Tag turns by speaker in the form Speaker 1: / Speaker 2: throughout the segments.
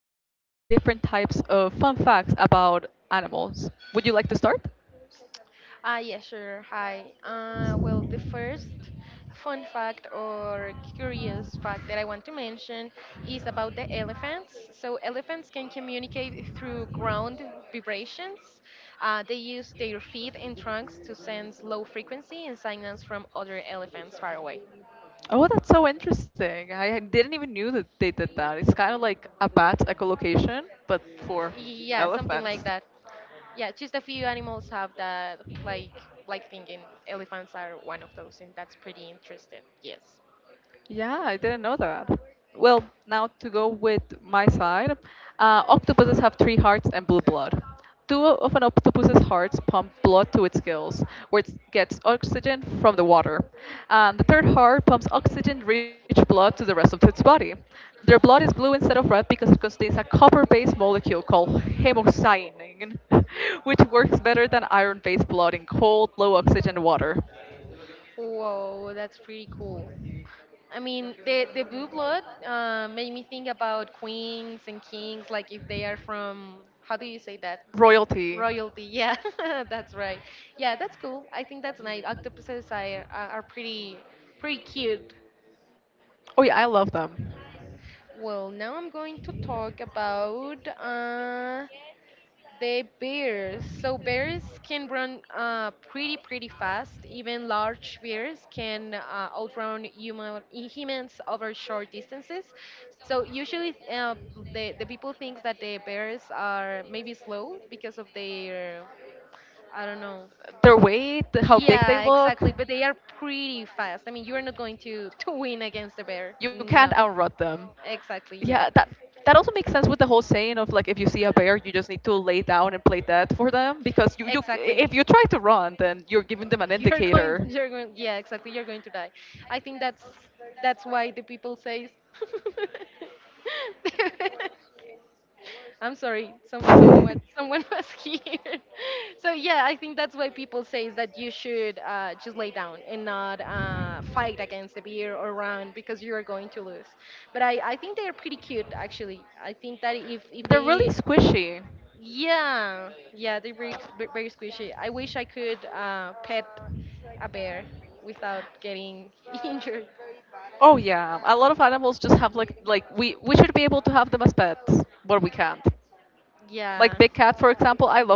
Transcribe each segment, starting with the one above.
Speaker 1: will talk about different types of fun facts about animals. Would you like to start?
Speaker 2: Yeah, sure. Hi. Well, the first fun fact or curious fact that I want to mention is about the elephants. So, elephants can communicate through ground vibrations. They use their feet and trunks to sense low frequency and signals from other elephants far away.
Speaker 1: Oh, that's so interesting. I didn't even knew that they did that. It's kind of like a bat echolocation, but for
Speaker 2: Yeah, something
Speaker 1: elephants.
Speaker 2: like that. Yeah, just a few animals have that, like thinking elephants are one of those, and that's pretty interesting. Yes.
Speaker 1: Yeah, I didn't know that. Well, now to go with my side, octopuses have three hearts and blue blood. Two of an octopus's hearts pump blood to its gills, where it gets oxygen from the water. And the third heart pumps oxygen-rich blood to the rest of its body. Their blood is blue instead of red because it contains a copper-based molecule called hemocyanin, which works better than iron-based blood in cold, low oxygen water.
Speaker 2: Whoa, that's pretty cool. I mean, the blue blood made me think about queens and kings, like if they are from how do you say that
Speaker 1: Royalty.
Speaker 2: royalty? Yeah, that's right. Yeah, that's cool. I think that's nice. Octopuses are pretty pretty cute.
Speaker 1: Oh yeah, I love them.
Speaker 2: Well, now I'm going to talk about the bears. So bears can run pretty pretty fast. Even large bears can outrun humans over short distances. So usually the people think that the bears are maybe slow because of their I don't know.
Speaker 1: Their weight, how big they
Speaker 2: Yeah,
Speaker 1: look.
Speaker 2: exactly. But they are pretty fast. I mean, you are not going to win against the bear.
Speaker 1: You can't
Speaker 2: No.
Speaker 1: outrun them.
Speaker 2: Exactly. Yeah.
Speaker 1: Yeah, that that also makes sense with the whole saying of like if you see a bear, you just need to lay down and play dead for them because you
Speaker 2: Exactly.
Speaker 1: if you try to run, then you're giving them an
Speaker 2: you're going
Speaker 1: indicator.
Speaker 2: you're going yeah exactly, you're going to die. I think that's why the people say. I'm sorry, someone was here. So yeah, I think that's why people say that you should just lay down and not fight against the beer or run, because you're going to lose. But I think they're pretty cute actually. I think that if if
Speaker 1: They're really
Speaker 2: they
Speaker 1: squishy.
Speaker 2: yeah, yeah, they're very, very squishy. I wish I could pet a bear without getting injured.
Speaker 1: We should be able to have them as
Speaker 2: Yeah.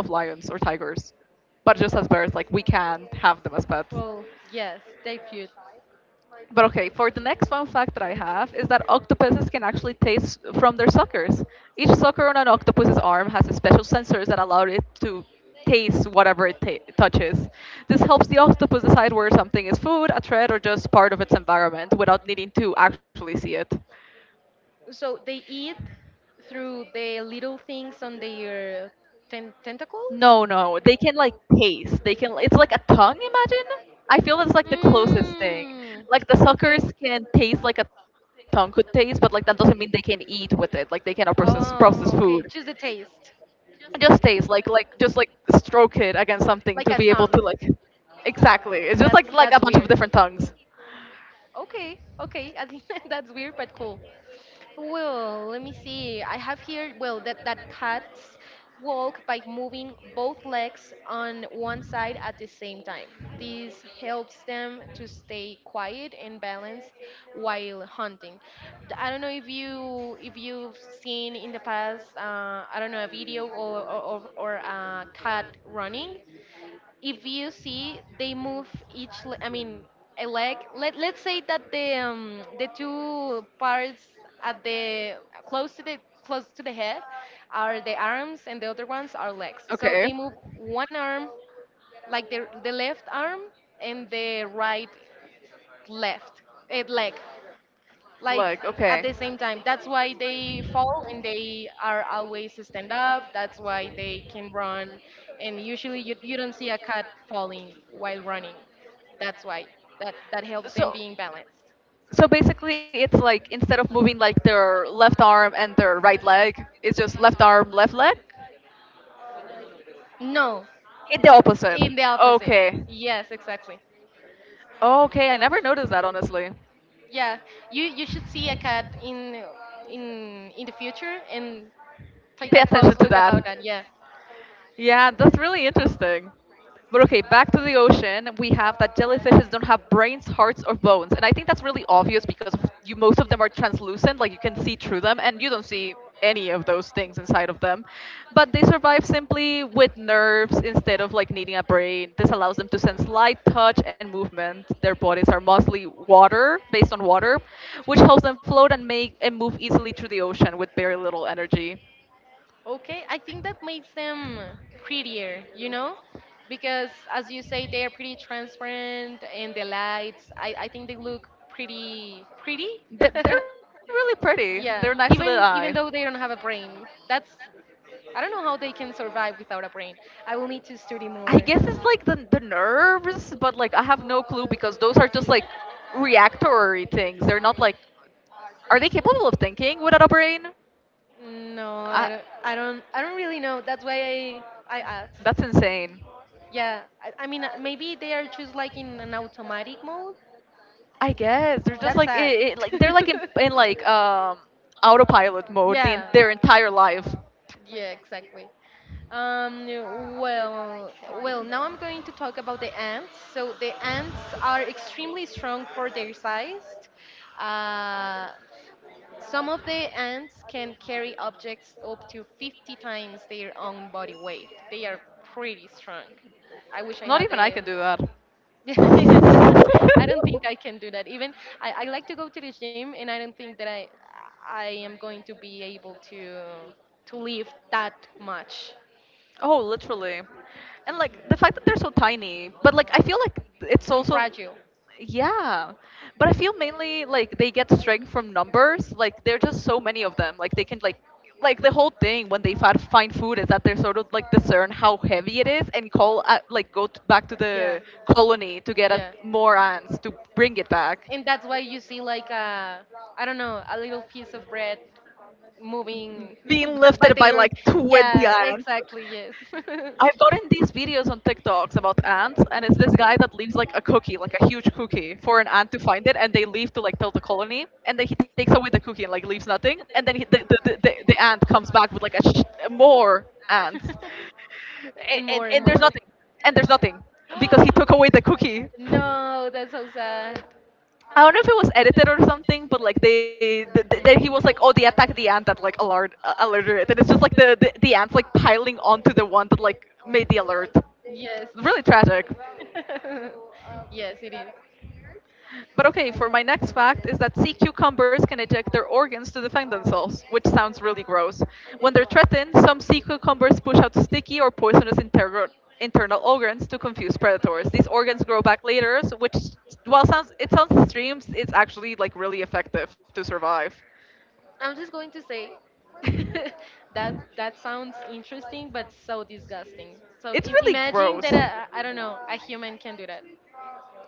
Speaker 1: lions or tigers, but just as bears, like we can't have them as pets.
Speaker 2: Well, yes, they're cute.
Speaker 1: But okay, for the next fun fact that I have is that octopuses can actually taste from their suckers. Each sucker on an octopus's arm has a special sensors that allow it to taste whatever touches. This helps the octopus decide where something is food, a threat, or just part of its environment without needing to actually see it.
Speaker 2: So they eat through the little things on their tentacles?
Speaker 1: No, no, they can like taste. They can. It's like a tongue. Imagine. I feel that's like the closest thing.
Speaker 2: Hmm.
Speaker 1: Like the suckers
Speaker 2: Okay.
Speaker 1: can taste like a tongue could taste, but like that doesn't mean they can eat with it. Like they cannot process food.
Speaker 2: Oh, okay. Just the taste.
Speaker 1: Just taste. Like just like stroke it against something
Speaker 2: Like
Speaker 1: to
Speaker 2: a
Speaker 1: be able
Speaker 2: tongue.
Speaker 1: to like. Exactly. It's just like a
Speaker 2: That's
Speaker 1: bunch of
Speaker 2: weird.
Speaker 1: different tongues.
Speaker 2: Okay, okay. I think that's weird, but cool. Well, let me see. I have here, well, that, that cats walk by moving both legs on one side at the same time. This helps them to stay quiet and balanced while hunting. I don't know if you if you've seen in the past, I don't know, a video or a cat running. If you see, they move each le- I mean a leg. Let's say that the two parts at the close to the close to the head are the arms and the other ones are legs. So they
Speaker 1: Okay.
Speaker 2: move one arm, like the left arm and the right left leg
Speaker 1: Like,
Speaker 2: like
Speaker 1: okay.
Speaker 2: at the same time. That's why they fall and they are always stand up. That's why they can run, and usually you don't see a cat falling while running. That's why that that helps
Speaker 1: So,
Speaker 2: them being balanced.
Speaker 1: so basically, it's like instead of moving like their left arm and their right leg, it's just left arm, left leg.
Speaker 2: No,
Speaker 1: It's the opposite.
Speaker 2: in the opposite.
Speaker 1: Okay.
Speaker 2: Yes, exactly.
Speaker 1: Oh, okay, I never noticed that honestly.
Speaker 2: Yeah. You should see a cat in in the future and take
Speaker 1: Pay
Speaker 2: a
Speaker 1: attention
Speaker 2: close
Speaker 1: to
Speaker 2: look
Speaker 1: that.
Speaker 2: about that. Yeah.
Speaker 1: Yeah, that's really interesting. But okay, back to the ocean. We have that jellyfishes don't have brains, hearts, or bones, and I think that's really obvious you most of them are translucent, like you can see through them, and you don't see any of those things inside of them. But they survive simply with nerves instead of like needing a brain. This allows them to sense light, touch, and movement. Their bodies are mostly water, based on water, which helps them float and make and move easily through the ocean with very little energy.
Speaker 2: Okay, I think that makes them prettier, you know, because as you say, they are pretty transparent and the lights. I think they look pretty pretty.
Speaker 1: Are really pretty.
Speaker 2: Yeah,
Speaker 1: They're nice to the
Speaker 2: even even
Speaker 1: eye.
Speaker 2: though they don't have a brain, that's I don't know how they can survive without a brain. I will need to study
Speaker 1: I
Speaker 2: more.
Speaker 1: guess it's like the nerves, but like I have no clue because those are just like reactory things. They're not like. Are they capable of thinking without a brain?
Speaker 2: No,
Speaker 1: I,
Speaker 2: I don't really know. That's why I
Speaker 1: that's
Speaker 2: asked.
Speaker 1: insane.
Speaker 2: Yeah, I mean maybe they are just like in an automatic mode.
Speaker 1: I guess they're just
Speaker 2: That's
Speaker 1: like
Speaker 2: sad.
Speaker 1: like they're like in like autopilot mode
Speaker 2: Yeah.
Speaker 1: their entire life.
Speaker 2: Yeah, exactly. Um, well, well, now I'm going to talk about the ants. So the ants are extremely strong for their size. Uh, some of the ants can carry objects up to 50 times their own body weight. They are pretty strong. I wish I
Speaker 1: Not
Speaker 2: had
Speaker 1: even I
Speaker 2: a.
Speaker 1: can do
Speaker 2: I don't
Speaker 1: that.
Speaker 2: think I can do that. Even I like to go to the gym, and I don't think that I am going to be able to lift that much.
Speaker 1: Oh, literally. And like the fact that they're so tiny, but like I feel like it's
Speaker 2: And
Speaker 1: also
Speaker 2: fragile.
Speaker 1: yeah. But I feel mainly like they get strength from numbers. Like there're just so many of them. Like they can like the whole thing when they find food is that they're sort of like discern how heavy it is and call at, back to
Speaker 2: Yeah,
Speaker 1: the colony to get at
Speaker 2: yeah.
Speaker 1: more ants to bring it back.
Speaker 2: And that's why you see like a, I don't know, a little piece of bread moving
Speaker 1: Being
Speaker 2: by
Speaker 1: lifted by
Speaker 2: their own.
Speaker 1: like 20
Speaker 2: Yeah,
Speaker 1: ants.
Speaker 2: exactly. Yes.
Speaker 1: I've gotten these videos on TikToks about ants, and it's this guy that leaves like a cookie, like a huge cookie, for an ant to find it, and they leave to like tell the colony, and then he takes away the cookie and like leaves nothing, and then he, the ant comes back with like a more ants, and,
Speaker 2: And
Speaker 1: and
Speaker 2: more and
Speaker 1: and there's
Speaker 2: more.
Speaker 1: nothing, and there's nothing because he took away the cookie.
Speaker 2: No, that's so sad.
Speaker 1: I don't know if it was edited or something, but like then he was like, "Oh, they attacked the ant that like alerted it," and it's just like the ants like piling onto the one that like made the alert.
Speaker 2: Yes.
Speaker 1: Really tragic.
Speaker 2: Yes, it is.
Speaker 1: But okay, for my next fact is that sea cucumbers can eject their organs to defend themselves, which sounds really gross. When they're threatened, some sea cucumbers push out sticky or poisonous internal organs to confuse predators. These organs grow back later, so which while sounds it sounds extreme, it's actually like really effective to survive.
Speaker 2: I'm just going to say that that sounds interesting, but so disgusting. So
Speaker 1: It's really
Speaker 2: imagine
Speaker 1: gross.
Speaker 2: that a, I don't know, a human can do that.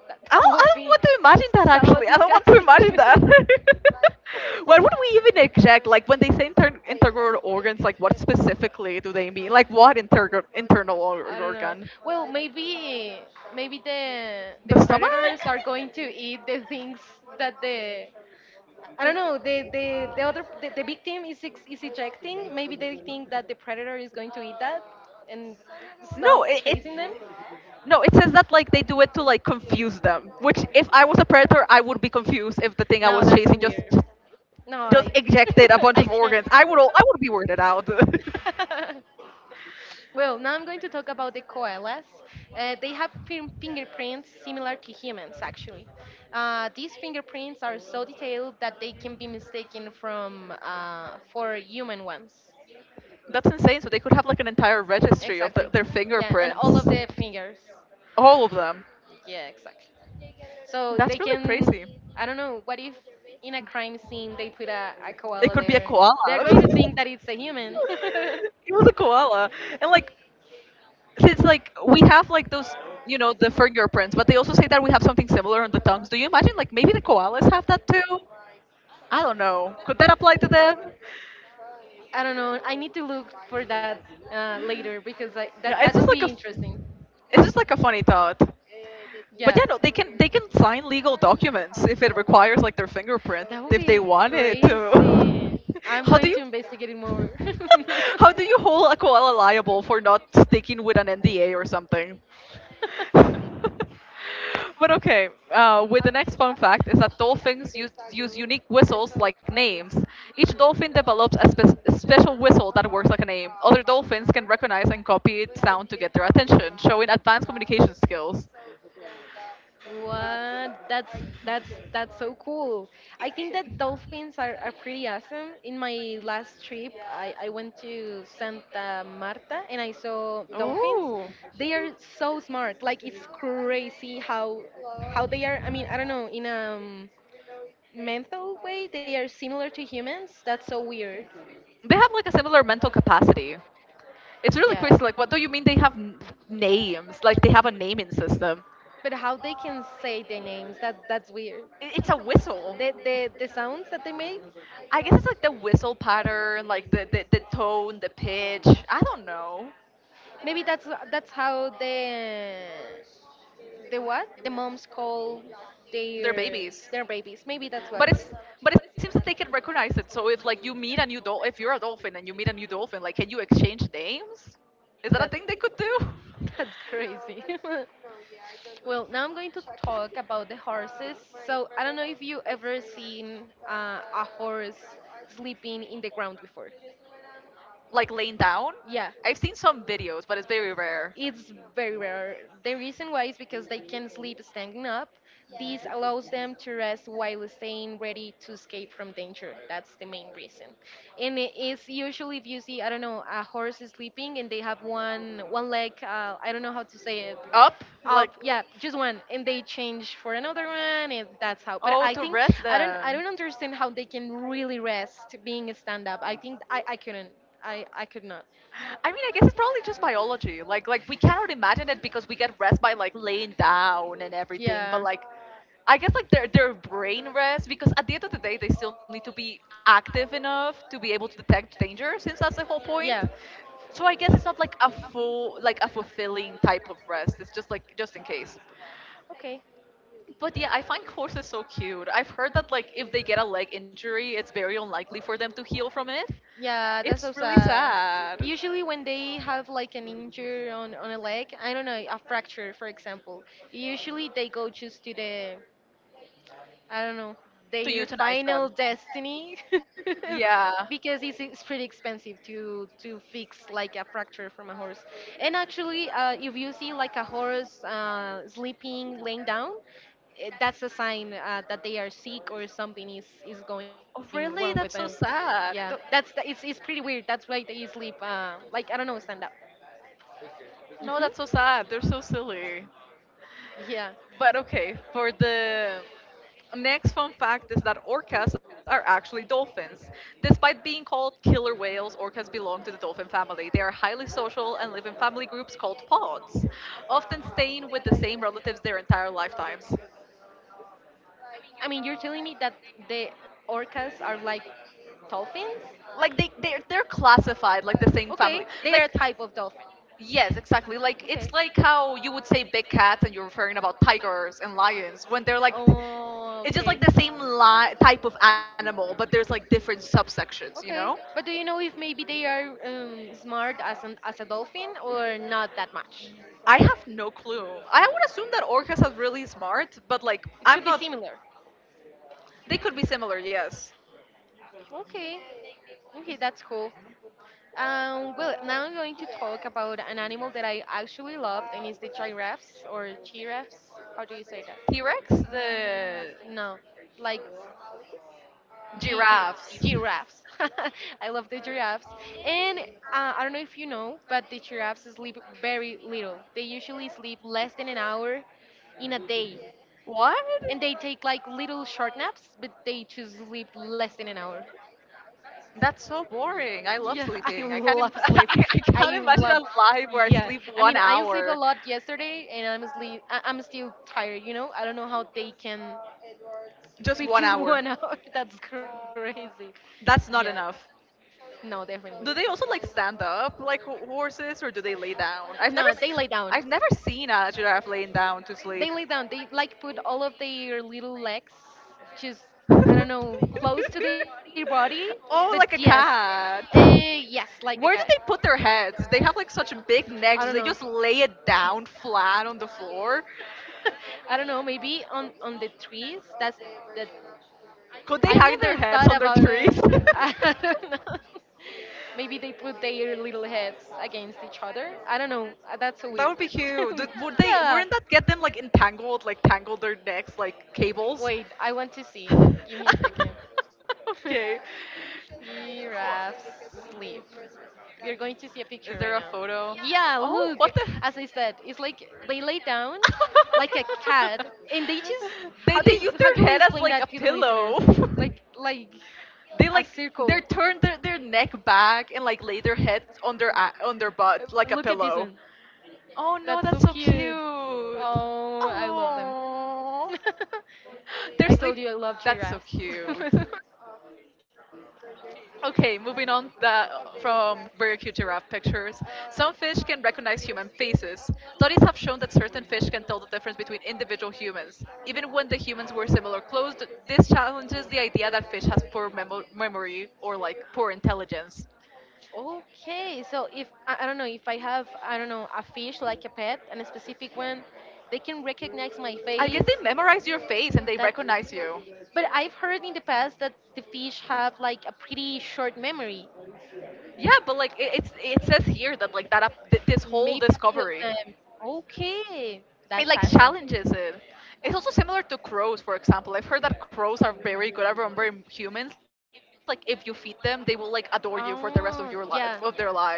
Speaker 2: That,
Speaker 1: I
Speaker 2: that would
Speaker 1: don't
Speaker 2: be
Speaker 1: want to imagine that
Speaker 2: so
Speaker 1: actually. I don't want to
Speaker 2: disgusting.
Speaker 1: imagine that. what would we even exact? Like when they say integral organs, like what specifically do they mean? Like what internal
Speaker 2: I don't know.
Speaker 1: organ?
Speaker 2: Well, maybe maybe the
Speaker 1: The
Speaker 2: the
Speaker 1: stomach?
Speaker 2: predators are going to eat the things that the I don't know. The other the victim is is ejecting. Maybe they think that the predator is going to eat that and
Speaker 1: No,
Speaker 2: stop
Speaker 1: it
Speaker 2: chasing them.
Speaker 1: no, it says that like they do it to like confuse them. Which, if I was a predator, I would be confused if the thing I
Speaker 2: No,
Speaker 1: was
Speaker 2: that's
Speaker 1: chasing
Speaker 2: so weird. No,
Speaker 1: just
Speaker 2: I
Speaker 1: ejected a bunch of
Speaker 2: I
Speaker 1: organs.
Speaker 2: can't.
Speaker 1: I would be weirded out.
Speaker 2: Well, now I'm going to talk about the koalas. They have fingerprints similar to humans, actually. These fingerprints are so detailed that they can be mistaken from for human ones.
Speaker 1: That's insane. So they could have like an entire registry of
Speaker 2: Exactly.
Speaker 1: their
Speaker 2: Yeah, and all
Speaker 1: fingerprints,
Speaker 2: of the fingers.
Speaker 1: all of them.
Speaker 2: Yeah, exactly. So they
Speaker 1: That's really
Speaker 2: can.
Speaker 1: crazy.
Speaker 2: I don't know. What if in a crime scene they put a
Speaker 1: It
Speaker 2: koala
Speaker 1: could be a
Speaker 2: there?
Speaker 1: koala.
Speaker 2: They're going to think that it's a human.
Speaker 1: it was a koala. And like since like we have like those you know the fingerprints, but they also say that we have something similar on the tongues. Do you imagine like maybe the koalas have that too? I don't know. Could that apply to them?
Speaker 2: I don't know. I need to look for that later, because that
Speaker 1: Yeah,
Speaker 2: that
Speaker 1: it's
Speaker 2: could
Speaker 1: just
Speaker 2: be
Speaker 1: like
Speaker 2: interesting.
Speaker 1: it's just like a funny thought.
Speaker 2: Yeah,
Speaker 1: But yeah, no, they can sign legal documents if it requires like their fingerprint
Speaker 2: that
Speaker 1: if
Speaker 2: would
Speaker 1: they
Speaker 2: be
Speaker 1: wanted to.
Speaker 2: crazy. I'm
Speaker 1: How do
Speaker 2: going
Speaker 1: you
Speaker 2: to investigate it more.
Speaker 1: How do you hold a koala liable for not sticking with an NDA or something? But okay, with the next fun fact is that dolphins use unique whistles like names. Each dolphin develops a special whistle that works like a name. Other dolphins can recognize and copy its sound to get their attention, showing advanced communication skills.
Speaker 2: What? That's that's so cool. I think that dolphins are pretty awesome. In my last trip, I went to Santa Marta and I saw dolphins.
Speaker 1: Oh.
Speaker 2: They are so smart. Like, it's crazy how they are. I mean, I don't know. In mental way they are similar to humans. That's so weird.
Speaker 1: They have like a similar mental capacity. It's really
Speaker 2: Yeah.
Speaker 1: crazy. Like, what do you mean they have names? Like, they have a naming system.
Speaker 2: But how they can say their names? That that's weird.
Speaker 1: I- It's a whistle.
Speaker 2: The sounds that they made.
Speaker 1: I guess it's like the whistle pattern, like the tone, the pitch. I don't know.
Speaker 2: Maybe that's how the what the moms call
Speaker 1: They're
Speaker 2: their
Speaker 1: babies.
Speaker 2: their babies. Maybe that's why.
Speaker 1: But it's but it seems that they can recognize it. So if like you meet a new dolphin, if you're a dolphin and you meet a new dolphin, like can you exchange names? Is that a
Speaker 2: That
Speaker 1: thing they could do? No.
Speaker 2: that's crazy. Well, now I'm going to talk about the horses. So I don't know if you ever seen a horse sleeping in the ground before.
Speaker 1: Like laying down?
Speaker 2: Yeah.
Speaker 1: I've seen some videos, but it's very rare.
Speaker 2: It's very rare. The reason why is because they can sleep standing up. This allows them to rest while staying ready to escape from danger. That's the main reason. And it is usually if you see, I don't know, a horse is sleeping and they have one leg. I don't know how to say it.
Speaker 1: Up,
Speaker 2: Up,
Speaker 1: like
Speaker 2: yeah, just one, and they change for another one, and that's how. But
Speaker 1: oh,
Speaker 2: I
Speaker 1: to
Speaker 2: think
Speaker 1: rest
Speaker 2: I don't I
Speaker 1: them.
Speaker 2: don't understand how they can really rest being a stand up. I think I couldn't. I could not.
Speaker 1: I mean, I guess it's probably just biology. Like we cannot imagine it because we get rest by like laying down and everything. But
Speaker 2: Yeah,
Speaker 1: like, I guess like their brain rest because at the end of the day they still need to be active enough to be able to detect danger since that's the whole
Speaker 2: yeah,
Speaker 1: point. So I guess it's not like a full like a fulfilling type of rest. It's just like just in case.
Speaker 2: okay.
Speaker 1: But yeah, I find horses so cute. I've heard that like if they get a leg injury, it's very unlikely for them to heal from it.
Speaker 2: Yeah, that's
Speaker 1: It's
Speaker 2: so
Speaker 1: really
Speaker 2: sad.
Speaker 1: sad.
Speaker 2: Usually, when they have like an injury on a leg, I don't know, a fracture, for example, usually they go just to the I don't know,
Speaker 1: To
Speaker 2: their
Speaker 1: euthanize
Speaker 2: final
Speaker 1: them.
Speaker 2: destiny.
Speaker 1: Yeah.
Speaker 2: Because it's pretty expensive to fix like a fracture from a horse. And actually, if you see like a horse sleeping, laying down, that's a sign that they are sick or something is
Speaker 1: Oh,
Speaker 2: going wrong with
Speaker 1: really?
Speaker 2: them.
Speaker 1: That's so
Speaker 2: Yeah,
Speaker 1: sad. Th-
Speaker 2: that's the, it's pretty weird. That's why they sleep like I don't know, stand up. Hmm.
Speaker 1: No, that's so sad. They're so silly.
Speaker 2: Yeah.
Speaker 1: But okay, for the next fun fact is that orcas are actually dolphins. Despite being called killer whales, orcas belong to the dolphin family. They are highly social and live in family groups called pods, often staying with the same relatives their entire lifetimes.
Speaker 2: I mean, you're telling me that the orcas are like dolphins?
Speaker 1: Like they're classified like the same
Speaker 2: Okay,
Speaker 1: family.
Speaker 2: they are
Speaker 1: Like
Speaker 2: a type of dolphin.
Speaker 1: yes, exactly. Like
Speaker 2: Okay.
Speaker 1: it's like how you would say big cats and you're referring about tigers and lions when they're like
Speaker 2: Oh,
Speaker 1: it's just
Speaker 2: okay.
Speaker 1: like the same type of animal, but there's like different subsections, you know?
Speaker 2: Okay, but do you know if maybe they are smart as an as a dolphin or not that much?
Speaker 1: I have no clue. I would assume that orcas are really smart, but like
Speaker 2: It should
Speaker 1: I'm
Speaker 2: be
Speaker 1: not
Speaker 2: similar.
Speaker 1: they could be similar, yes.
Speaker 2: Okay, okay, that's cool. Well, now I'm going to talk about an animal that I actually loved, and it's the giraffes or giraffes. How do you say that?
Speaker 1: T-Rex, the
Speaker 2: No, like gi-
Speaker 1: giraffes.
Speaker 2: giraffes. I love the giraffes. And I don't know if you know, but the giraffes sleep very little. They usually sleep less than an hour in a day.
Speaker 1: What?
Speaker 2: And they take like little short naps, but they just sleep less than an hour.
Speaker 1: That's so boring. I love
Speaker 2: Yeah,
Speaker 1: sleeping. I
Speaker 2: I
Speaker 1: can't. Im-
Speaker 2: love sleep.
Speaker 1: I can't
Speaker 2: I
Speaker 1: imagine a
Speaker 2: love,
Speaker 1: life where I sleep
Speaker 2: yeah. I
Speaker 1: one
Speaker 2: mean, I slept
Speaker 1: hour.
Speaker 2: a lot yesterday, and I'm sleep. I'm still tired. You know, I don't know how they can
Speaker 1: Just
Speaker 2: sleep
Speaker 1: one
Speaker 2: just
Speaker 1: hour.
Speaker 2: 1 hour. That's crazy.
Speaker 1: That's
Speaker 2: Yeah.
Speaker 1: not enough.
Speaker 2: No, definitely.
Speaker 1: Do they also like stand up like horses, or do they lay down?
Speaker 2: No, they lay down.
Speaker 1: I've never seen a giraffe laying down to
Speaker 2: They lay
Speaker 1: sleep.
Speaker 2: down. They like put all of their little legs just I don't know close to their body, but
Speaker 1: oh,
Speaker 2: yes,
Speaker 1: like a cat.
Speaker 2: yes, like a cat.
Speaker 1: Where do they put their heads? They have like such
Speaker 2: I don't
Speaker 1: big
Speaker 2: know.
Speaker 1: necks. Do they just lay it down flat on the floor?
Speaker 2: I don't know. Maybe on the trees. That's that. I
Speaker 1: Could they
Speaker 2: never
Speaker 1: hang their
Speaker 2: thought
Speaker 1: heads
Speaker 2: about
Speaker 1: under
Speaker 2: it.
Speaker 1: trees?
Speaker 2: I don't know. Maybe they put their little heads against each other. I don't know. That's so weird.
Speaker 1: That would be cute. Did, would
Speaker 2: Yeah.
Speaker 1: they? Wouldn't that get them like entangled, like tangle their necks like
Speaker 2: Wait,
Speaker 1: cables?
Speaker 2: I want to see. Give
Speaker 1: Okay.
Speaker 2: me a second. Giraffes
Speaker 1: Oh,
Speaker 2: sleep. We are going to see a picture
Speaker 1: is
Speaker 2: right
Speaker 1: there
Speaker 2: now.
Speaker 1: a photo?
Speaker 2: Yeah,
Speaker 1: Oh,
Speaker 2: look.
Speaker 1: what the?
Speaker 2: As I said, it's like they lay down like a cat, and they just
Speaker 1: they they use
Speaker 2: how do
Speaker 1: their
Speaker 2: you
Speaker 1: head as
Speaker 2: explain
Speaker 1: like a
Speaker 2: that to the listeners?
Speaker 1: pillow.
Speaker 2: Like
Speaker 1: They
Speaker 2: a
Speaker 1: like,
Speaker 2: circle.
Speaker 1: they turn their neck back and like lay their head on their butt like a
Speaker 2: Look at this
Speaker 1: pillow.
Speaker 2: one.
Speaker 1: Oh no,
Speaker 2: That's
Speaker 1: that's
Speaker 2: so
Speaker 1: so
Speaker 2: cute.
Speaker 1: cute.
Speaker 2: Oh, I love them.
Speaker 1: Oh, their
Speaker 2: I
Speaker 1: sleep.
Speaker 2: told you I love
Speaker 1: That's so
Speaker 2: giraffes.
Speaker 1: cute. Okay, moving on that, from Burger Q giraffe pictures. Some fish can recognize human faces. Studies have shown that certain fish can tell the difference between individual humans. Even when the humans wear similar clothes, this challenges the idea that fish has poor memory or like poor intelligence.
Speaker 2: Okay, so if I don't know if I have I don't know a fish like a pet and a specific one, they can recognize my
Speaker 1: I guess
Speaker 2: face.
Speaker 1: they memorize your face and they
Speaker 2: That,
Speaker 1: recognize you.
Speaker 2: but I've heard in the past that the fish have like a pretty short memory.
Speaker 1: Yeah, but like it says here that like that this whole
Speaker 2: Maybe a few of
Speaker 1: discovery
Speaker 2: them. Okay,
Speaker 1: it
Speaker 2: that's
Speaker 1: like
Speaker 2: awesome.
Speaker 1: challenges it. It's also similar to crows, for example. I've heard that crows are very good at remembering humans. Like if you feed them, they will like adore you for the rest of your life
Speaker 2: Oh,
Speaker 1: of their
Speaker 2: yeah.
Speaker 1: life.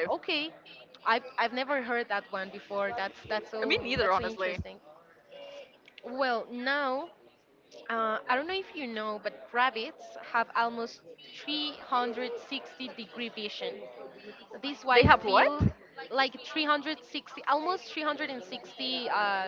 Speaker 2: Okay. I've never heard that one before. That's
Speaker 1: I mean, neither
Speaker 2: that's so
Speaker 1: honestly.
Speaker 2: interesting. Well, now I don't know if you know, but rabbits have almost 360 degree vision. This wide
Speaker 1: They have
Speaker 2: field,
Speaker 1: what?
Speaker 2: like 360, almost 360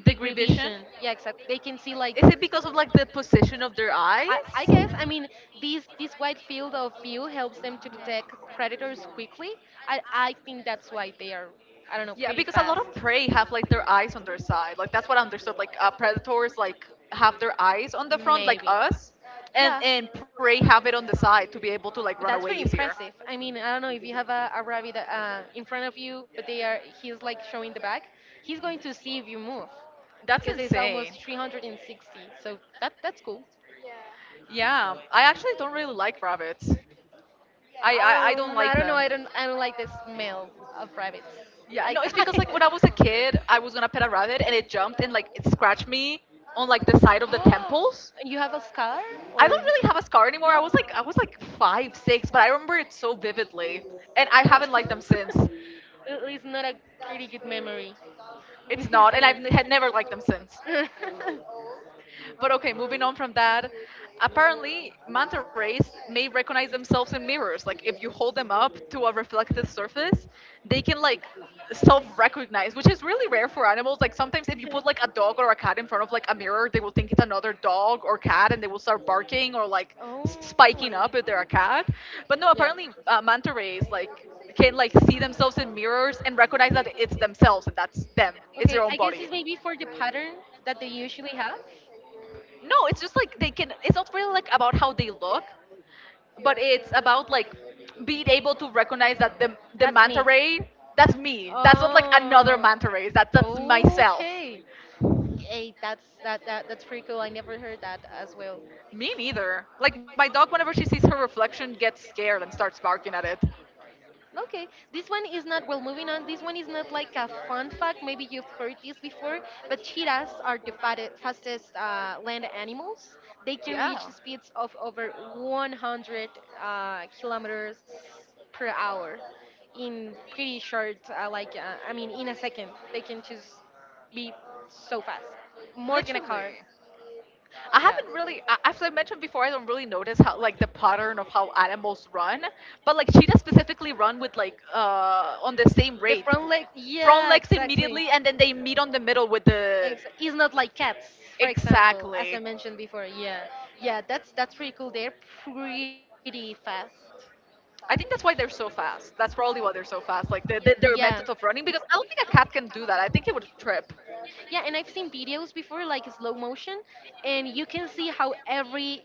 Speaker 2: degree
Speaker 1: Degree vision.
Speaker 2: vision. Yeah, exactly. They can see like
Speaker 1: Is it because of like the position of their eyes?
Speaker 2: I guess I mean this wide field of view helps them to detect predators quickly. I think that's why they are I don't know
Speaker 1: Yeah,
Speaker 2: pretty
Speaker 1: because a lot
Speaker 2: fast.
Speaker 1: of prey have like their eyes on their side. Like that's what I understood. Like predators like have their eyes on the front, like
Speaker 2: Maybe.
Speaker 1: us, and
Speaker 2: Yeah.
Speaker 1: and prey have it on the side to be able to like
Speaker 2: But
Speaker 1: run
Speaker 2: that's
Speaker 1: away
Speaker 2: pretty
Speaker 1: easier.
Speaker 2: impressive. I mean, I don't know if you have a rabbit in front of you, but they are he's like showing the back. He's going to see if you move
Speaker 1: That's
Speaker 2: because it's
Speaker 1: insane.
Speaker 2: almost 360. So that's cool.
Speaker 1: Yeah, I actually don't really like rabbits. I don't
Speaker 2: I
Speaker 1: like
Speaker 2: don't know.
Speaker 1: them.
Speaker 2: I don't. I don't like the smell of rabbits.
Speaker 1: Yeah,
Speaker 2: I.
Speaker 1: no, it's because like when I was a kid, I was gonna pet a rabbit and it jumped and like it scratched me on like the side of the
Speaker 2: Oh,
Speaker 1: temples.
Speaker 2: you have a scar
Speaker 1: I don't
Speaker 2: or
Speaker 1: really have a scar anymore. I
Speaker 2: no?
Speaker 1: was
Speaker 2: Oh.
Speaker 1: like I was like five, six, but I remember it so vividly, and I haven't liked them since.
Speaker 2: Well, it's not a pretty good memory,
Speaker 1: It's not,
Speaker 2: isn't
Speaker 1: and I've
Speaker 2: it?
Speaker 1: had never liked them since. But okay, moving on from that. Apparently, manta rays may recognize themselves in mirrors. Like if you hold them up to a reflective surface, they can like self-recognize, which is really rare for animals. Like sometimes if
Speaker 2: okay.
Speaker 1: you put like a dog or a cat in front of like a mirror, they will think it's another dog or cat, and they will start barking or like
Speaker 2: Oh.
Speaker 1: spiking up if they're a cat. But no,
Speaker 2: Yeah.
Speaker 1: apparently manta rays like can like see themselves in mirrors and recognize that it's themselves and that's them.
Speaker 2: Okay,
Speaker 1: It's
Speaker 2: I
Speaker 1: their own
Speaker 2: guess it's
Speaker 1: body.
Speaker 2: maybe for the pattern that they usually have.
Speaker 1: No, it's just like they can. It's not really like about how they look, but it's about like being able to recognize that the
Speaker 2: That's
Speaker 1: manta
Speaker 2: me.
Speaker 1: ray. That's me. That's not like another
Speaker 2: Oh,
Speaker 1: manta ray. That's myself.
Speaker 2: okay. Hey, that's that, that that's pretty cool. I never heard that as well.
Speaker 1: Me neither. Like my dog, whenever she sees her reflection, gets scared and starts barking at it.
Speaker 2: Okay, this one is not, well, moving on, this one is not like a fun fact. Maybe you've heard this before, but cheetahs are the fastest land animals. They can reach
Speaker 1: Yeah,
Speaker 2: speeds of over 100 kilometers per hour in pretty short, I mean, in a second. They can just be so fast, more than a
Speaker 1: literally.
Speaker 2: car.
Speaker 1: I
Speaker 2: Yeah.
Speaker 1: haven't really, as I mentioned before, I don't really notice how like the pattern of how animals run, but like cheetahs specifically run with like on the same
Speaker 2: The
Speaker 1: rate,
Speaker 2: front leg,
Speaker 1: front
Speaker 2: yeah,
Speaker 1: legs
Speaker 2: exactly.
Speaker 1: immediately, and then they meet on the middle with the
Speaker 2: Ex. It's not like cats, for example, as I
Speaker 1: exactly.
Speaker 2: mentioned before. Yeah, yeah, that's pretty cool. They're pretty fast.
Speaker 1: I think that's why they're so fast. That's probably why they're so fast. Like the, the,
Speaker 2: Yeah.
Speaker 1: their method of running, because I don't think a cat can do that. I think it would trip.
Speaker 2: Yeah, and I've seen videos before, like slow motion, and you can see how every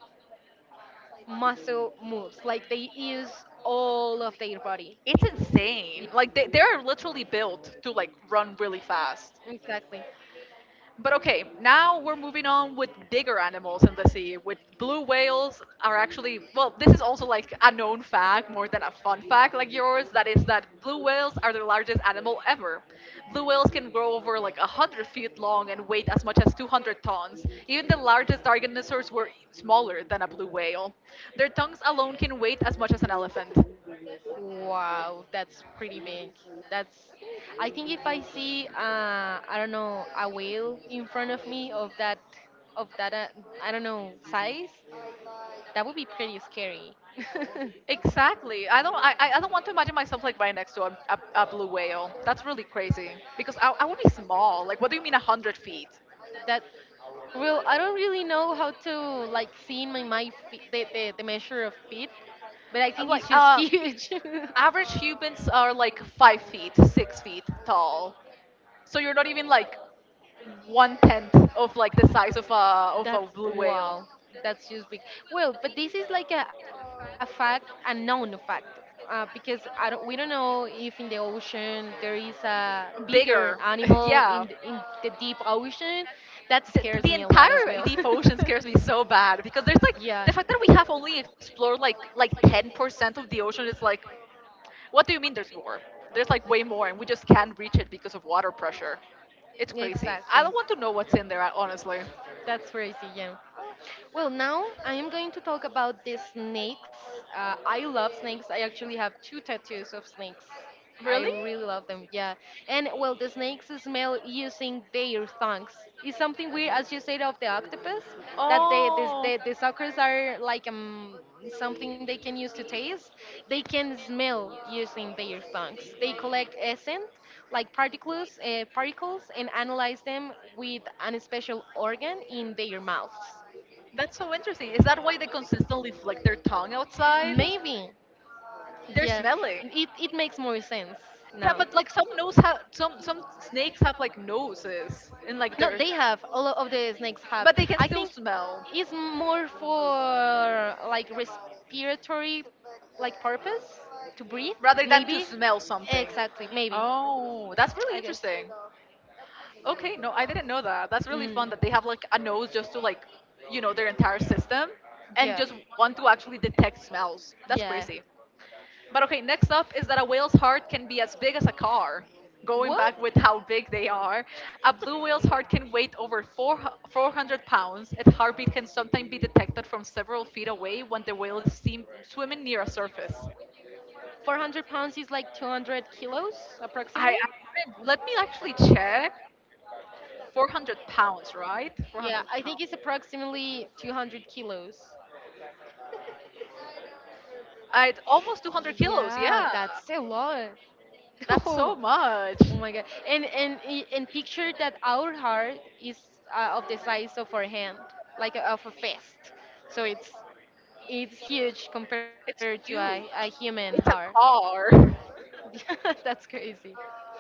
Speaker 2: muscle moves. Like they use all of their body.
Speaker 1: It's insane.
Speaker 2: Yeah,
Speaker 1: Like they are literally built to like run really fast.
Speaker 2: exactly.
Speaker 1: But okay, now we're moving on with bigger animals in the sea. With blue whales are actually well, this is also like a known fact more than a fun fact like yours. That is that blue whales are the largest animal ever. Blue whales can grow over like 100 feet long and weight as much as 200 tons. Even the largest dinosaurs were smaller than a blue whale. Their tongues alone can weigh as much as an elephant.
Speaker 2: Wow, that's pretty big. That's. I think if I see, I don't know, a whale in front of me of that, of that, uh, I don't know, size, that would be pretty scary.
Speaker 1: Exactly. I don't. I don't want to imagine myself like right next to a blue whale. That's really crazy because I would be small. Like, what do you mean 100 feet?
Speaker 2: that well
Speaker 1: Uh,
Speaker 2: I don't really know how to like see in my mind the measure of feet but I
Speaker 1: Like,
Speaker 2: think it's just huge.
Speaker 1: average humans are like 5 feet, 6 feet tall. So you're not even like one tenth of like the size of a
Speaker 2: That's
Speaker 1: blue whale.
Speaker 2: wow. That's just big. Well, but this is like a fact, a known fact, because I don't. We don't know if in the ocean there is a bigger
Speaker 1: Bigger.
Speaker 2: animal in
Speaker 1: Yeah,
Speaker 2: in the deep ocean. That scares
Speaker 1: the,
Speaker 2: me
Speaker 1: the
Speaker 2: a
Speaker 1: the
Speaker 2: lot as well.
Speaker 1: entire deep ocean scares me so bad because there's like
Speaker 2: yeah,
Speaker 1: the fact that we have only explored like 10% of the ocean is like what do you mean there's more there's like way more and we just can't reach it because of water pressure it's crazy I
Speaker 2: exactly.
Speaker 1: don't want to know what's in there honestly.
Speaker 2: That's crazy. Yeah. Well, now I am going to talk about the snakes. I love snakes. I actually have two tattoos of snakes.
Speaker 1: Really.
Speaker 2: I really love them, yeah. And well, the snakes smell using their tongues. It's something weird, as you said, of the octopus, that
Speaker 1: Oh,
Speaker 2: the suckers are like something they can use to taste. They can smell using their tongues. They collect essence, like particles, particles and analyze them with an special organ in their mouths.
Speaker 1: that's so interesting. Is that why they consistently flick their tongue outside?
Speaker 2: Maybe.
Speaker 1: They're
Speaker 2: Yeah.
Speaker 1: smelly.
Speaker 2: It makes more sense
Speaker 1: Yeah,
Speaker 2: now.
Speaker 1: but like some nose have some snakes have like noses and like
Speaker 2: No,
Speaker 1: they're
Speaker 2: they have. A lot of the snakes have.
Speaker 1: but they can
Speaker 2: I
Speaker 1: still
Speaker 2: think
Speaker 1: smell.
Speaker 2: it's more for like respiratory like purpose to breathe,
Speaker 1: Rather than to
Speaker 2: maybe.
Speaker 1: smell something.
Speaker 2: Exactly, maybe.
Speaker 1: Oh, that's really
Speaker 2: I guess.
Speaker 1: interesting. Okay, no, I didn't know that. That's really
Speaker 2: Hmm.
Speaker 1: fun that they have like a nose just to like, their entire system and
Speaker 2: Yeah.
Speaker 1: just want to actually detect smells. That's crazy.
Speaker 2: Yeah.
Speaker 1: But okay, next up is that a whale's heart can be as big as a car. Going back
Speaker 2: What?
Speaker 1: with how big they are, a blue whale's heart can weigh over four, 400 pounds. Its heartbeat can sometimes be detected from several feet away when the whale is seen swimming near a surface.
Speaker 2: 400 pounds is like 200 kilos approximately.
Speaker 1: I wouldn't- let me actually check. 400 pounds, right?
Speaker 2: Yeah,
Speaker 1: 400
Speaker 2: I think
Speaker 1: pounds.
Speaker 2: it's approximately 200 kilos.
Speaker 1: It's almost 200 kilos. Yeah,
Speaker 2: Yeah, that's a lot.
Speaker 1: that's so
Speaker 2: Oh,
Speaker 1: much.
Speaker 2: oh my god. And picture that our heart is of the size of our hand, like of a fist. So it's huge compared to
Speaker 1: It's
Speaker 2: a
Speaker 1: huge.
Speaker 2: human heart.
Speaker 1: It's a car.
Speaker 2: Yeah, that's crazy.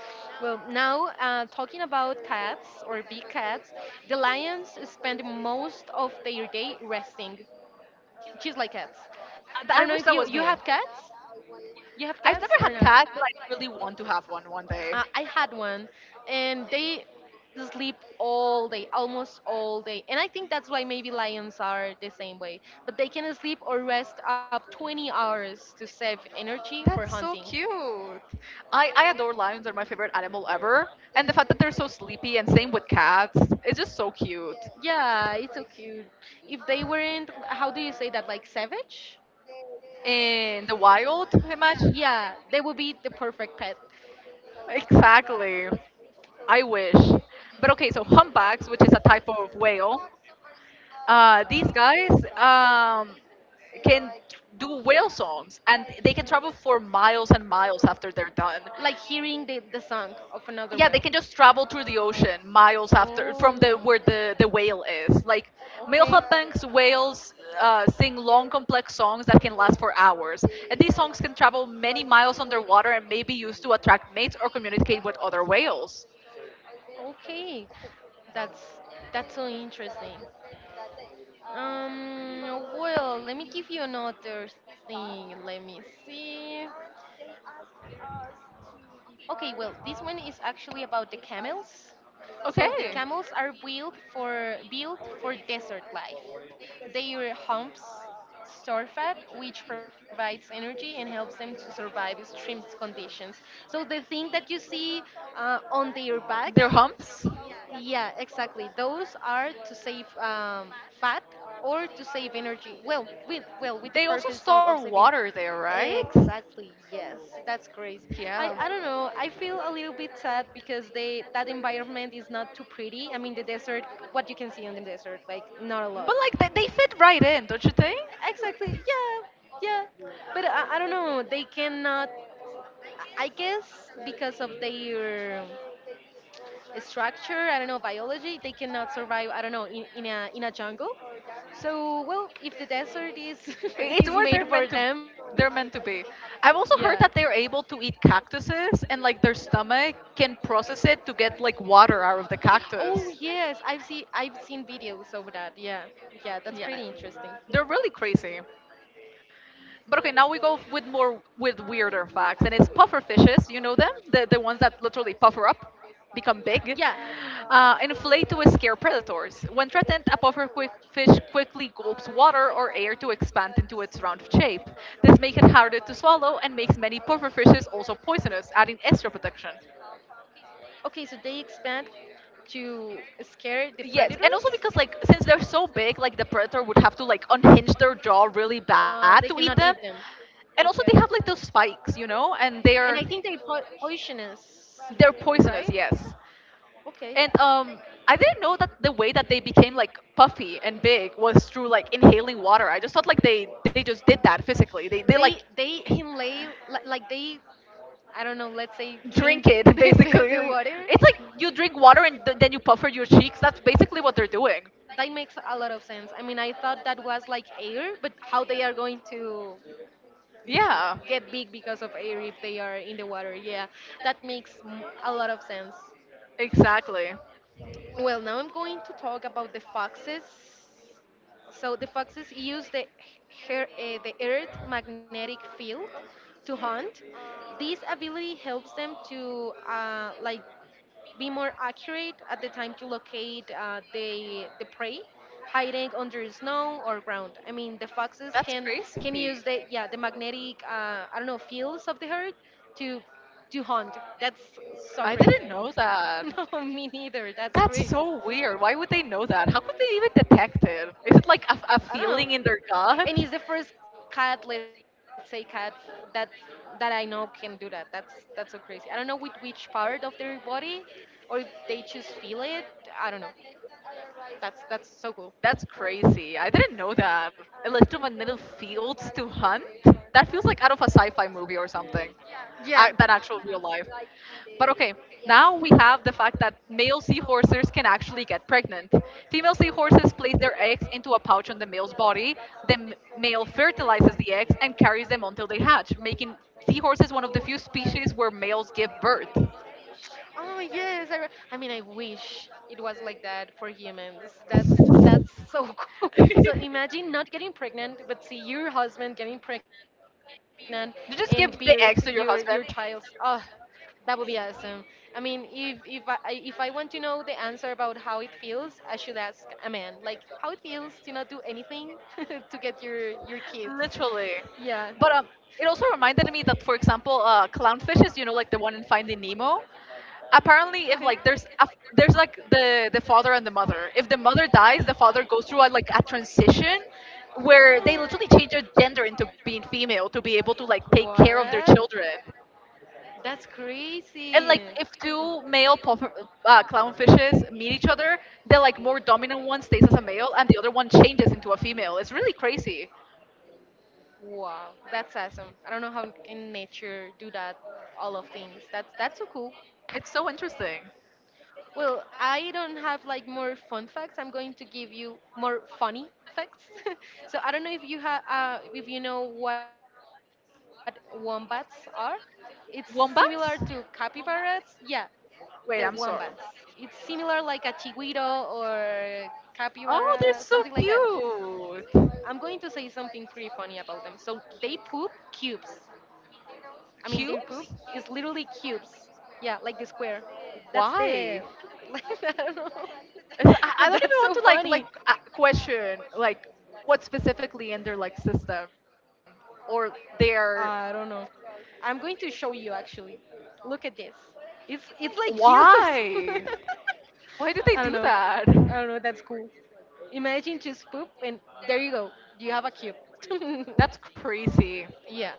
Speaker 2: Well, now talking about cats or big cats, the lions spend most of their day resting, just like cats. I
Speaker 1: I
Speaker 2: don't know
Speaker 1: wish
Speaker 2: if
Speaker 1: that was
Speaker 2: you
Speaker 1: me.
Speaker 2: have cats. You have
Speaker 1: Have
Speaker 2: cats
Speaker 1: never
Speaker 2: or
Speaker 1: had
Speaker 2: no?
Speaker 1: cats, but I really want to have one one day.
Speaker 2: I had one, and they sleep all day, almost all day. And I think that's why maybe lions are the same way. But they can sleep or rest up 20 hours to save energy for
Speaker 1: That's
Speaker 2: hunting.
Speaker 1: so cute. I adore lions. They're my favorite animal ever. And the fact that they're so sleepy and same with cats, it's just so cute.
Speaker 2: Yeah, it's so cute. If they weren't, how do you say that, like savage?
Speaker 1: In the wild, I imagine.
Speaker 2: Yeah, they would be the perfect pet.
Speaker 1: Exactly. I wish. But okay, so humpbacks, which is a type of whale, these guys um, can do whale songs and they can travel for miles and miles after they're done.
Speaker 2: Like hearing the song of another
Speaker 1: Yeah, they
Speaker 2: whale.
Speaker 1: can just travel through the ocean miles after from the
Speaker 2: Oh,
Speaker 1: where the whale is like.
Speaker 2: okay.
Speaker 1: Milha Bank's whales sing long complex songs that can last for hours, and these songs can travel many miles underwater and may be used to attract mates or communicate with other whales.
Speaker 2: Okay, that's that's so interesting. Well, let me give you another thing. Let me see. Okay, well, this one is actually about the camels. So the camels are built for desert life. Their humps store fat, which provides energy and helps them to survive extreme conditions. So the thing that you see on their back.
Speaker 1: Their that humps? How?
Speaker 2: Yeah, exactly. Those are to save fat or to save energy. Well, with the
Speaker 1: That they
Speaker 2: purpose
Speaker 1: also
Speaker 2: of
Speaker 1: store
Speaker 2: saving.
Speaker 1: water there, right?
Speaker 2: Exactly. Yes, that's great. I
Speaker 1: Yeah.
Speaker 2: don't know. I feel a little bit sad because they that environment is not too pretty. I mean, the desert. What you can see on the desert, like not a lot.
Speaker 1: But like they fit right in, don't you think?
Speaker 2: Exactly. Yeah. Yeah. But I don't know. They cannot. I guess because of their structure I don't know biology they cannot survive I don't know in a jungle so well if the desert is
Speaker 1: It's
Speaker 2: is
Speaker 1: where
Speaker 2: made
Speaker 1: they're
Speaker 2: for
Speaker 1: meant to
Speaker 2: them
Speaker 1: they're meant to be. I've
Speaker 2: yeah.
Speaker 1: also heard that they're able to eat cactuses and like their stomach can process it to get like water out of the
Speaker 2: Oh
Speaker 1: cactus.
Speaker 2: yes I've seen videos of that yeah yeah that's pretty
Speaker 1: Yeah.
Speaker 2: interesting
Speaker 1: They're really crazy. But okay, now we go with more with weirder facts, and it's puffer fishes. You know them, the ones that literally puffer up, become
Speaker 2: yeah.
Speaker 1: big, inflate to scare predators. When threatened, a puffer quick fish quickly gulps water or air to expand into its round shape. This makes it harder to swallow and makes many puffer fishes also poisonous, adding extra protection.
Speaker 2: Okay so they expand to scare the predators.
Speaker 1: Yes, and also because like since they're so big, like the predator would have to like unhinge their jaw really
Speaker 2: Uh,
Speaker 1: bad
Speaker 2: they
Speaker 1: to eat
Speaker 2: cannot
Speaker 1: them,
Speaker 2: eat them
Speaker 1: and also they
Speaker 2: okay
Speaker 1: have like those spikes, and
Speaker 2: and I
Speaker 1: they're.
Speaker 2: think they poisonous
Speaker 1: They're
Speaker 2: right.
Speaker 1: poisonous, yes.
Speaker 2: Okay.
Speaker 1: And I didn't know that the way that they became like puffy and big was through like inhaling water. I just thought like they just did that physically. They like
Speaker 2: They inlay li- like they I don't know, let's say
Speaker 1: drink
Speaker 2: drink
Speaker 1: it
Speaker 2: the
Speaker 1: basically.
Speaker 2: water.
Speaker 1: It's like you drink water and then you puffer your cheeks. That's basically what they're doing.
Speaker 2: That makes a lot of sense. I mean, I thought that was like air, but how they are going to
Speaker 1: Yeah,
Speaker 2: get big because of air if they are in the water. Yeah, that makes a lot of sense.
Speaker 1: exactly.
Speaker 2: Well, now I'm going to talk about the foxes. So the foxes use the the Earth magnetic field to hunt. This ability helps them to like be more accurate at the time to locate the the prey hiding under snow or ground. I mean, the foxes
Speaker 1: That's
Speaker 2: can
Speaker 1: crazy.
Speaker 2: use the magnetic I don't know fields of the herd to to hunt. That's so
Speaker 1: I didn't
Speaker 2: crazy.
Speaker 1: know that.
Speaker 2: No, me neither. That's
Speaker 1: That's
Speaker 2: crazy.
Speaker 1: so weird. Why would they know that? How could they even detect it? Is it like a
Speaker 2: I don't know.
Speaker 1: feeling in their
Speaker 2: And
Speaker 1: gut?
Speaker 2: he's the first cat, let's say cat that that I know can do that. That's so crazy. I don't know with which part of their body or if they just feel it. I don't know. That's so cool.
Speaker 1: That's crazy. I didn't know that. Electromagnetic fields to hunt? That feels like out of a sci fi movie or something,
Speaker 2: Yeah.
Speaker 1: than actual real life. But okay, now we have the fact that male seahorses can actually get pregnant. Female seahorses place their eggs into a pouch on the male's body. The male fertilizes the eggs and carries them until they hatch, making seahorses one of the few species where males give birth.
Speaker 2: Oh yes. I mean, I wish it was like that for humans. That's so cool. So imagine not getting pregnant, but see your husband getting pregnant and birth
Speaker 1: You just give
Speaker 2: your
Speaker 1: the eggs
Speaker 2: child.
Speaker 1: to your
Speaker 2: Oh,
Speaker 1: husband.
Speaker 2: that would be awesome. I mean, if I want to know the answer about how it feels, I should ask a man. Like how it feels to not do anything to get your kids. Yeah.
Speaker 1: Literally. But it also reminded me that, for example, clownfishes, like the one in Finding Nemo.
Speaker 2: Okay.
Speaker 1: Apparently, if like there's like the father and the mother. If the mother dies, the father goes through a transition where they literally change their gender into being female to be able to like take care of their
Speaker 2: What?
Speaker 1: children.
Speaker 2: That's
Speaker 1: And
Speaker 2: crazy.
Speaker 1: like if two male clownfishes meet each other, the like more dominant one stays as a male, and the other one changes into a female. It's really crazy.
Speaker 2: Wow, that's awesome. I don't know how can nature do that all of things. That's so cool.
Speaker 1: It's so interesting.
Speaker 2: Well, I don't have like more fun facts. I'm going to give you more funny facts. so I don't know if you have, if you know what wombats are. It's similar to capybaras.
Speaker 1: Wombats?
Speaker 2: Yeah, the wombats. It's
Speaker 1: Wait, I'm sorry.
Speaker 2: similar like a chiguiro or capybara, something like that.
Speaker 1: Oh, they're so
Speaker 2: I'm going to say
Speaker 1: cute.
Speaker 2: something pretty funny about them. So they poop cubes. I mean, their poop is
Speaker 1: Cubes?
Speaker 2: literally cubes. Yeah, like the square. That's the.
Speaker 1: Why?
Speaker 2: Like, I don't know. But that's so
Speaker 1: I don't even
Speaker 2: funny.
Speaker 1: want to like question like what specifically in their like system or their
Speaker 2: I don't know. I'm going to show you actually. Look at this. It's like cubes.
Speaker 1: why? Why did
Speaker 2: I
Speaker 1: they
Speaker 2: don't
Speaker 1: do
Speaker 2: know.
Speaker 1: that?
Speaker 2: I don't know. That's cool. Imagine just poop and there you go. You have a cube.
Speaker 1: That's crazy.
Speaker 2: yeah.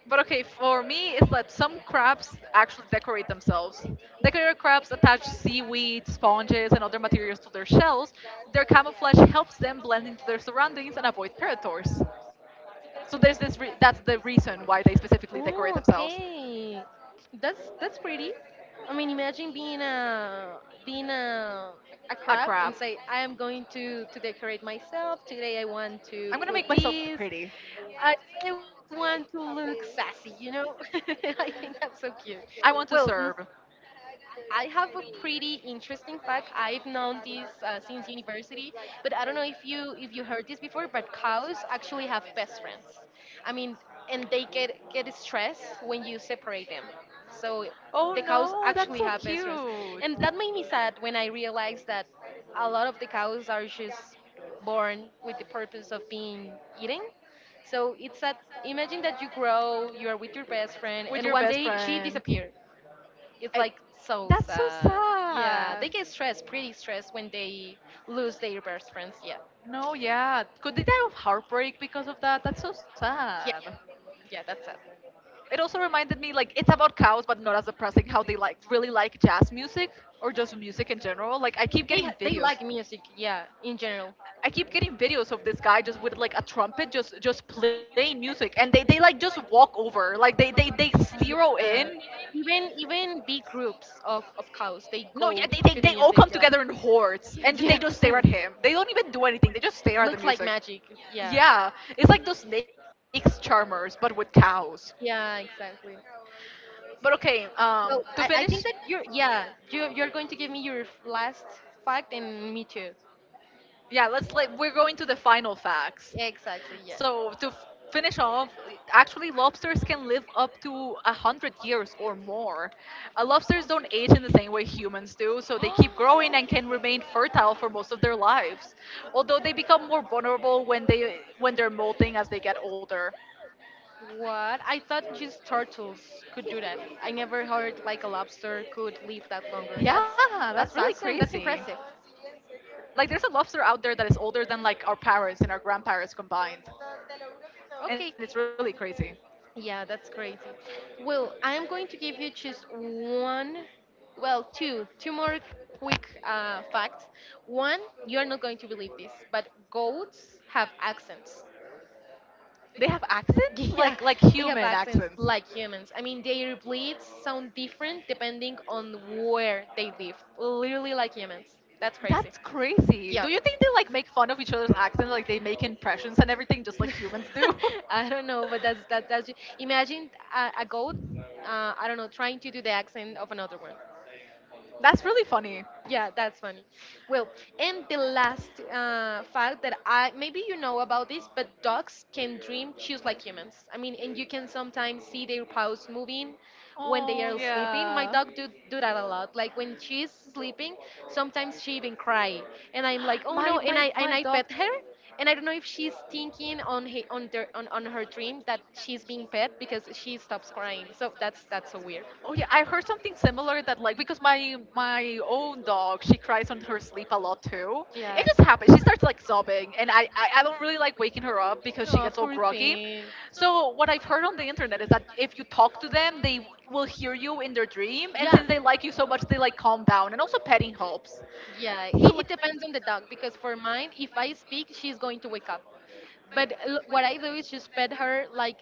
Speaker 1: But okay, for me, it's that some crabs actually decorate themselves. Decorated crabs attach seaweed, sponges, and other materials to their shells. Their camouflage helps them blend into their surroundings and avoid predators. So there's this. That's the reason why they specifically decorate
Speaker 2: Oh,
Speaker 1: themselves.
Speaker 2: okay. That's pretty. I mean, imagine being a being a
Speaker 1: A
Speaker 2: crab
Speaker 1: crab.
Speaker 2: and say, I am going to decorate myself today. I want
Speaker 1: I'm
Speaker 2: to
Speaker 1: gonna make
Speaker 2: put
Speaker 1: myself
Speaker 2: this.
Speaker 1: pretty.
Speaker 2: I I want to look sassy. You know, I think that's so cute.
Speaker 1: I want to
Speaker 2: Well,
Speaker 1: serve.
Speaker 2: I have a pretty interesting fact. I've known this since university, but I don't know if you heard this before. But cows actually have best friends. I mean, and they get stressed when you separate them. So
Speaker 1: Oh
Speaker 2: the cows
Speaker 1: no, that's so
Speaker 2: actually have best friends,
Speaker 1: cute.
Speaker 2: and that made me sad when I realized that a lot of the cows are just born with the purpose of being eaten. So it's that imagine that you grow, you are with your best
Speaker 1: With
Speaker 2: friend,
Speaker 1: your
Speaker 2: and one
Speaker 1: best
Speaker 2: day she
Speaker 1: friend.
Speaker 2: disappeared it's
Speaker 1: I-
Speaker 2: like so
Speaker 1: that's so
Speaker 2: sad. Yeah,
Speaker 1: sad.
Speaker 2: they get stressed, pretty stressed when they lose their best friends. Yeah,
Speaker 1: No, yeah. Could they die of heartbreak because of that? That's so sad.
Speaker 2: yeah, yeah. That's sad.
Speaker 1: It also reminded me like it's about cows, but not as depressing. How they like really like jazz music or just music in general. Like I keep
Speaker 2: They
Speaker 1: getting
Speaker 2: ha- they
Speaker 1: videos.
Speaker 2: like music. Yeah, in general.
Speaker 1: I keep getting videos of this guy just with like a trumpet, just playing music, and they like just walk over, like they they
Speaker 2: Yeah.
Speaker 1: they zero in.
Speaker 2: Even big groups of cows, they go to
Speaker 1: No,
Speaker 2: the
Speaker 1: yeah, they, they
Speaker 2: music.
Speaker 1: they
Speaker 2: Yeah,
Speaker 1: all come together in hordes,
Speaker 2: yeah.
Speaker 1: and they just stare at him. They don't even do anything. They just
Speaker 2: Looks
Speaker 1: stare at
Speaker 2: like
Speaker 1: the music.
Speaker 2: magic. Yeah.
Speaker 1: Yeah, it's like those snakes charmers, but with cows.
Speaker 2: Yeah, exactly.
Speaker 1: But okay,
Speaker 2: Well,
Speaker 1: to
Speaker 2: I
Speaker 1: finish.
Speaker 2: think that you're yeah you're going to give me your last fact and me too.
Speaker 1: Yeah, let's like we're going to the final facts.
Speaker 2: Exactly. Yeah.
Speaker 1: So to finish off, actually lobsters can live up to 100 years or more. Lobsters don't age in the same way humans do, so they keep growing and can remain fertile for most of their lives. Although they become more vulnerable when they're molting as they get older.
Speaker 2: What? I thought just turtles could do that. I never heard like a lobster could live that longer.
Speaker 1: Yeah, that's
Speaker 2: That's
Speaker 1: really
Speaker 2: awesome. That's
Speaker 1: crazy.
Speaker 2: impressive.
Speaker 1: Like, there's a lobster out there that is older than like our parents and our grandparents combined, and it's
Speaker 2: Okay.
Speaker 1: really crazy.
Speaker 2: Yeah, that's crazy. Well, I'm going to give you just one, well, two, two more quick facts. One, you're not going to believe this, but goats have accents.
Speaker 1: They have accents,
Speaker 2: yeah,
Speaker 1: like
Speaker 2: they have
Speaker 1: human
Speaker 2: accents
Speaker 1: accents.
Speaker 2: like humans. I mean, their bleeds sound different depending on where they live. Literally like humans. That's crazy.
Speaker 1: That's crazy. Do
Speaker 2: Yeah.
Speaker 1: you think they like make fun of each other's accents, like they make impressions and everything, just like humans do?
Speaker 2: I don't know, but that's that. that's imagine a goat. I don't know, trying to do the accent of another one.
Speaker 1: That's really funny.
Speaker 2: Yeah, that's funny. Well, and the last fact that I maybe you know about this, but dogs can dream just like humans. I mean, and you can sometimes see their paws moving when they
Speaker 1: Oh,
Speaker 2: are sleeping. My
Speaker 1: yeah.
Speaker 2: dog do that a lot. Like when she's sleeping, sometimes she even cry, and I'm like, oh no,
Speaker 1: My
Speaker 2: and
Speaker 1: my my
Speaker 2: I
Speaker 1: dog.
Speaker 2: pet her. And I don't know if she's thinking on he, on, their, on her dream that she's being pet because she stops crying. So that's so weird.
Speaker 1: Oh yeah, I've heard something similar that like because my own dog she cries on her sleep a lot too. It just happens. She starts like sobbing, and I don't really like waking her up because she gets
Speaker 2: Oh,
Speaker 1: so
Speaker 2: poor
Speaker 1: groggy.
Speaker 2: thing.
Speaker 1: So what I've heard on the internet is that if you talk to them, they will hear you in their dream, and since they like you so much, they like calm down. And also petting helps.
Speaker 2: Yeah,
Speaker 1: So
Speaker 2: it
Speaker 1: like,
Speaker 2: depends on the dog because for mine, if I speak, she's going to wake up. But what I do is just pet her like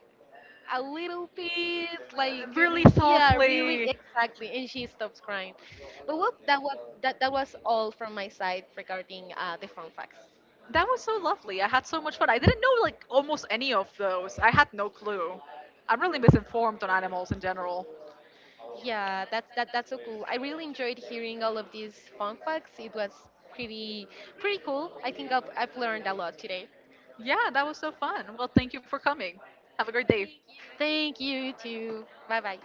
Speaker 2: a little bit like
Speaker 1: really
Speaker 2: yeah really
Speaker 1: softly.
Speaker 2: exactly and she stops crying but well that was that was all from my side regarding the fun facts.
Speaker 1: That was so lovely. I had so much fun. I didn't know like almost any of those. I had no clue. I'm really misinformed on animals in general.
Speaker 2: Yeah that that's so cool I really enjoyed hearing all of these fun facts it was pretty pretty cool I think I've learned a lot today.
Speaker 1: Yeah, that was so fun. Well, thank you for coming. Have a great day.
Speaker 2: Thank you too bye bye.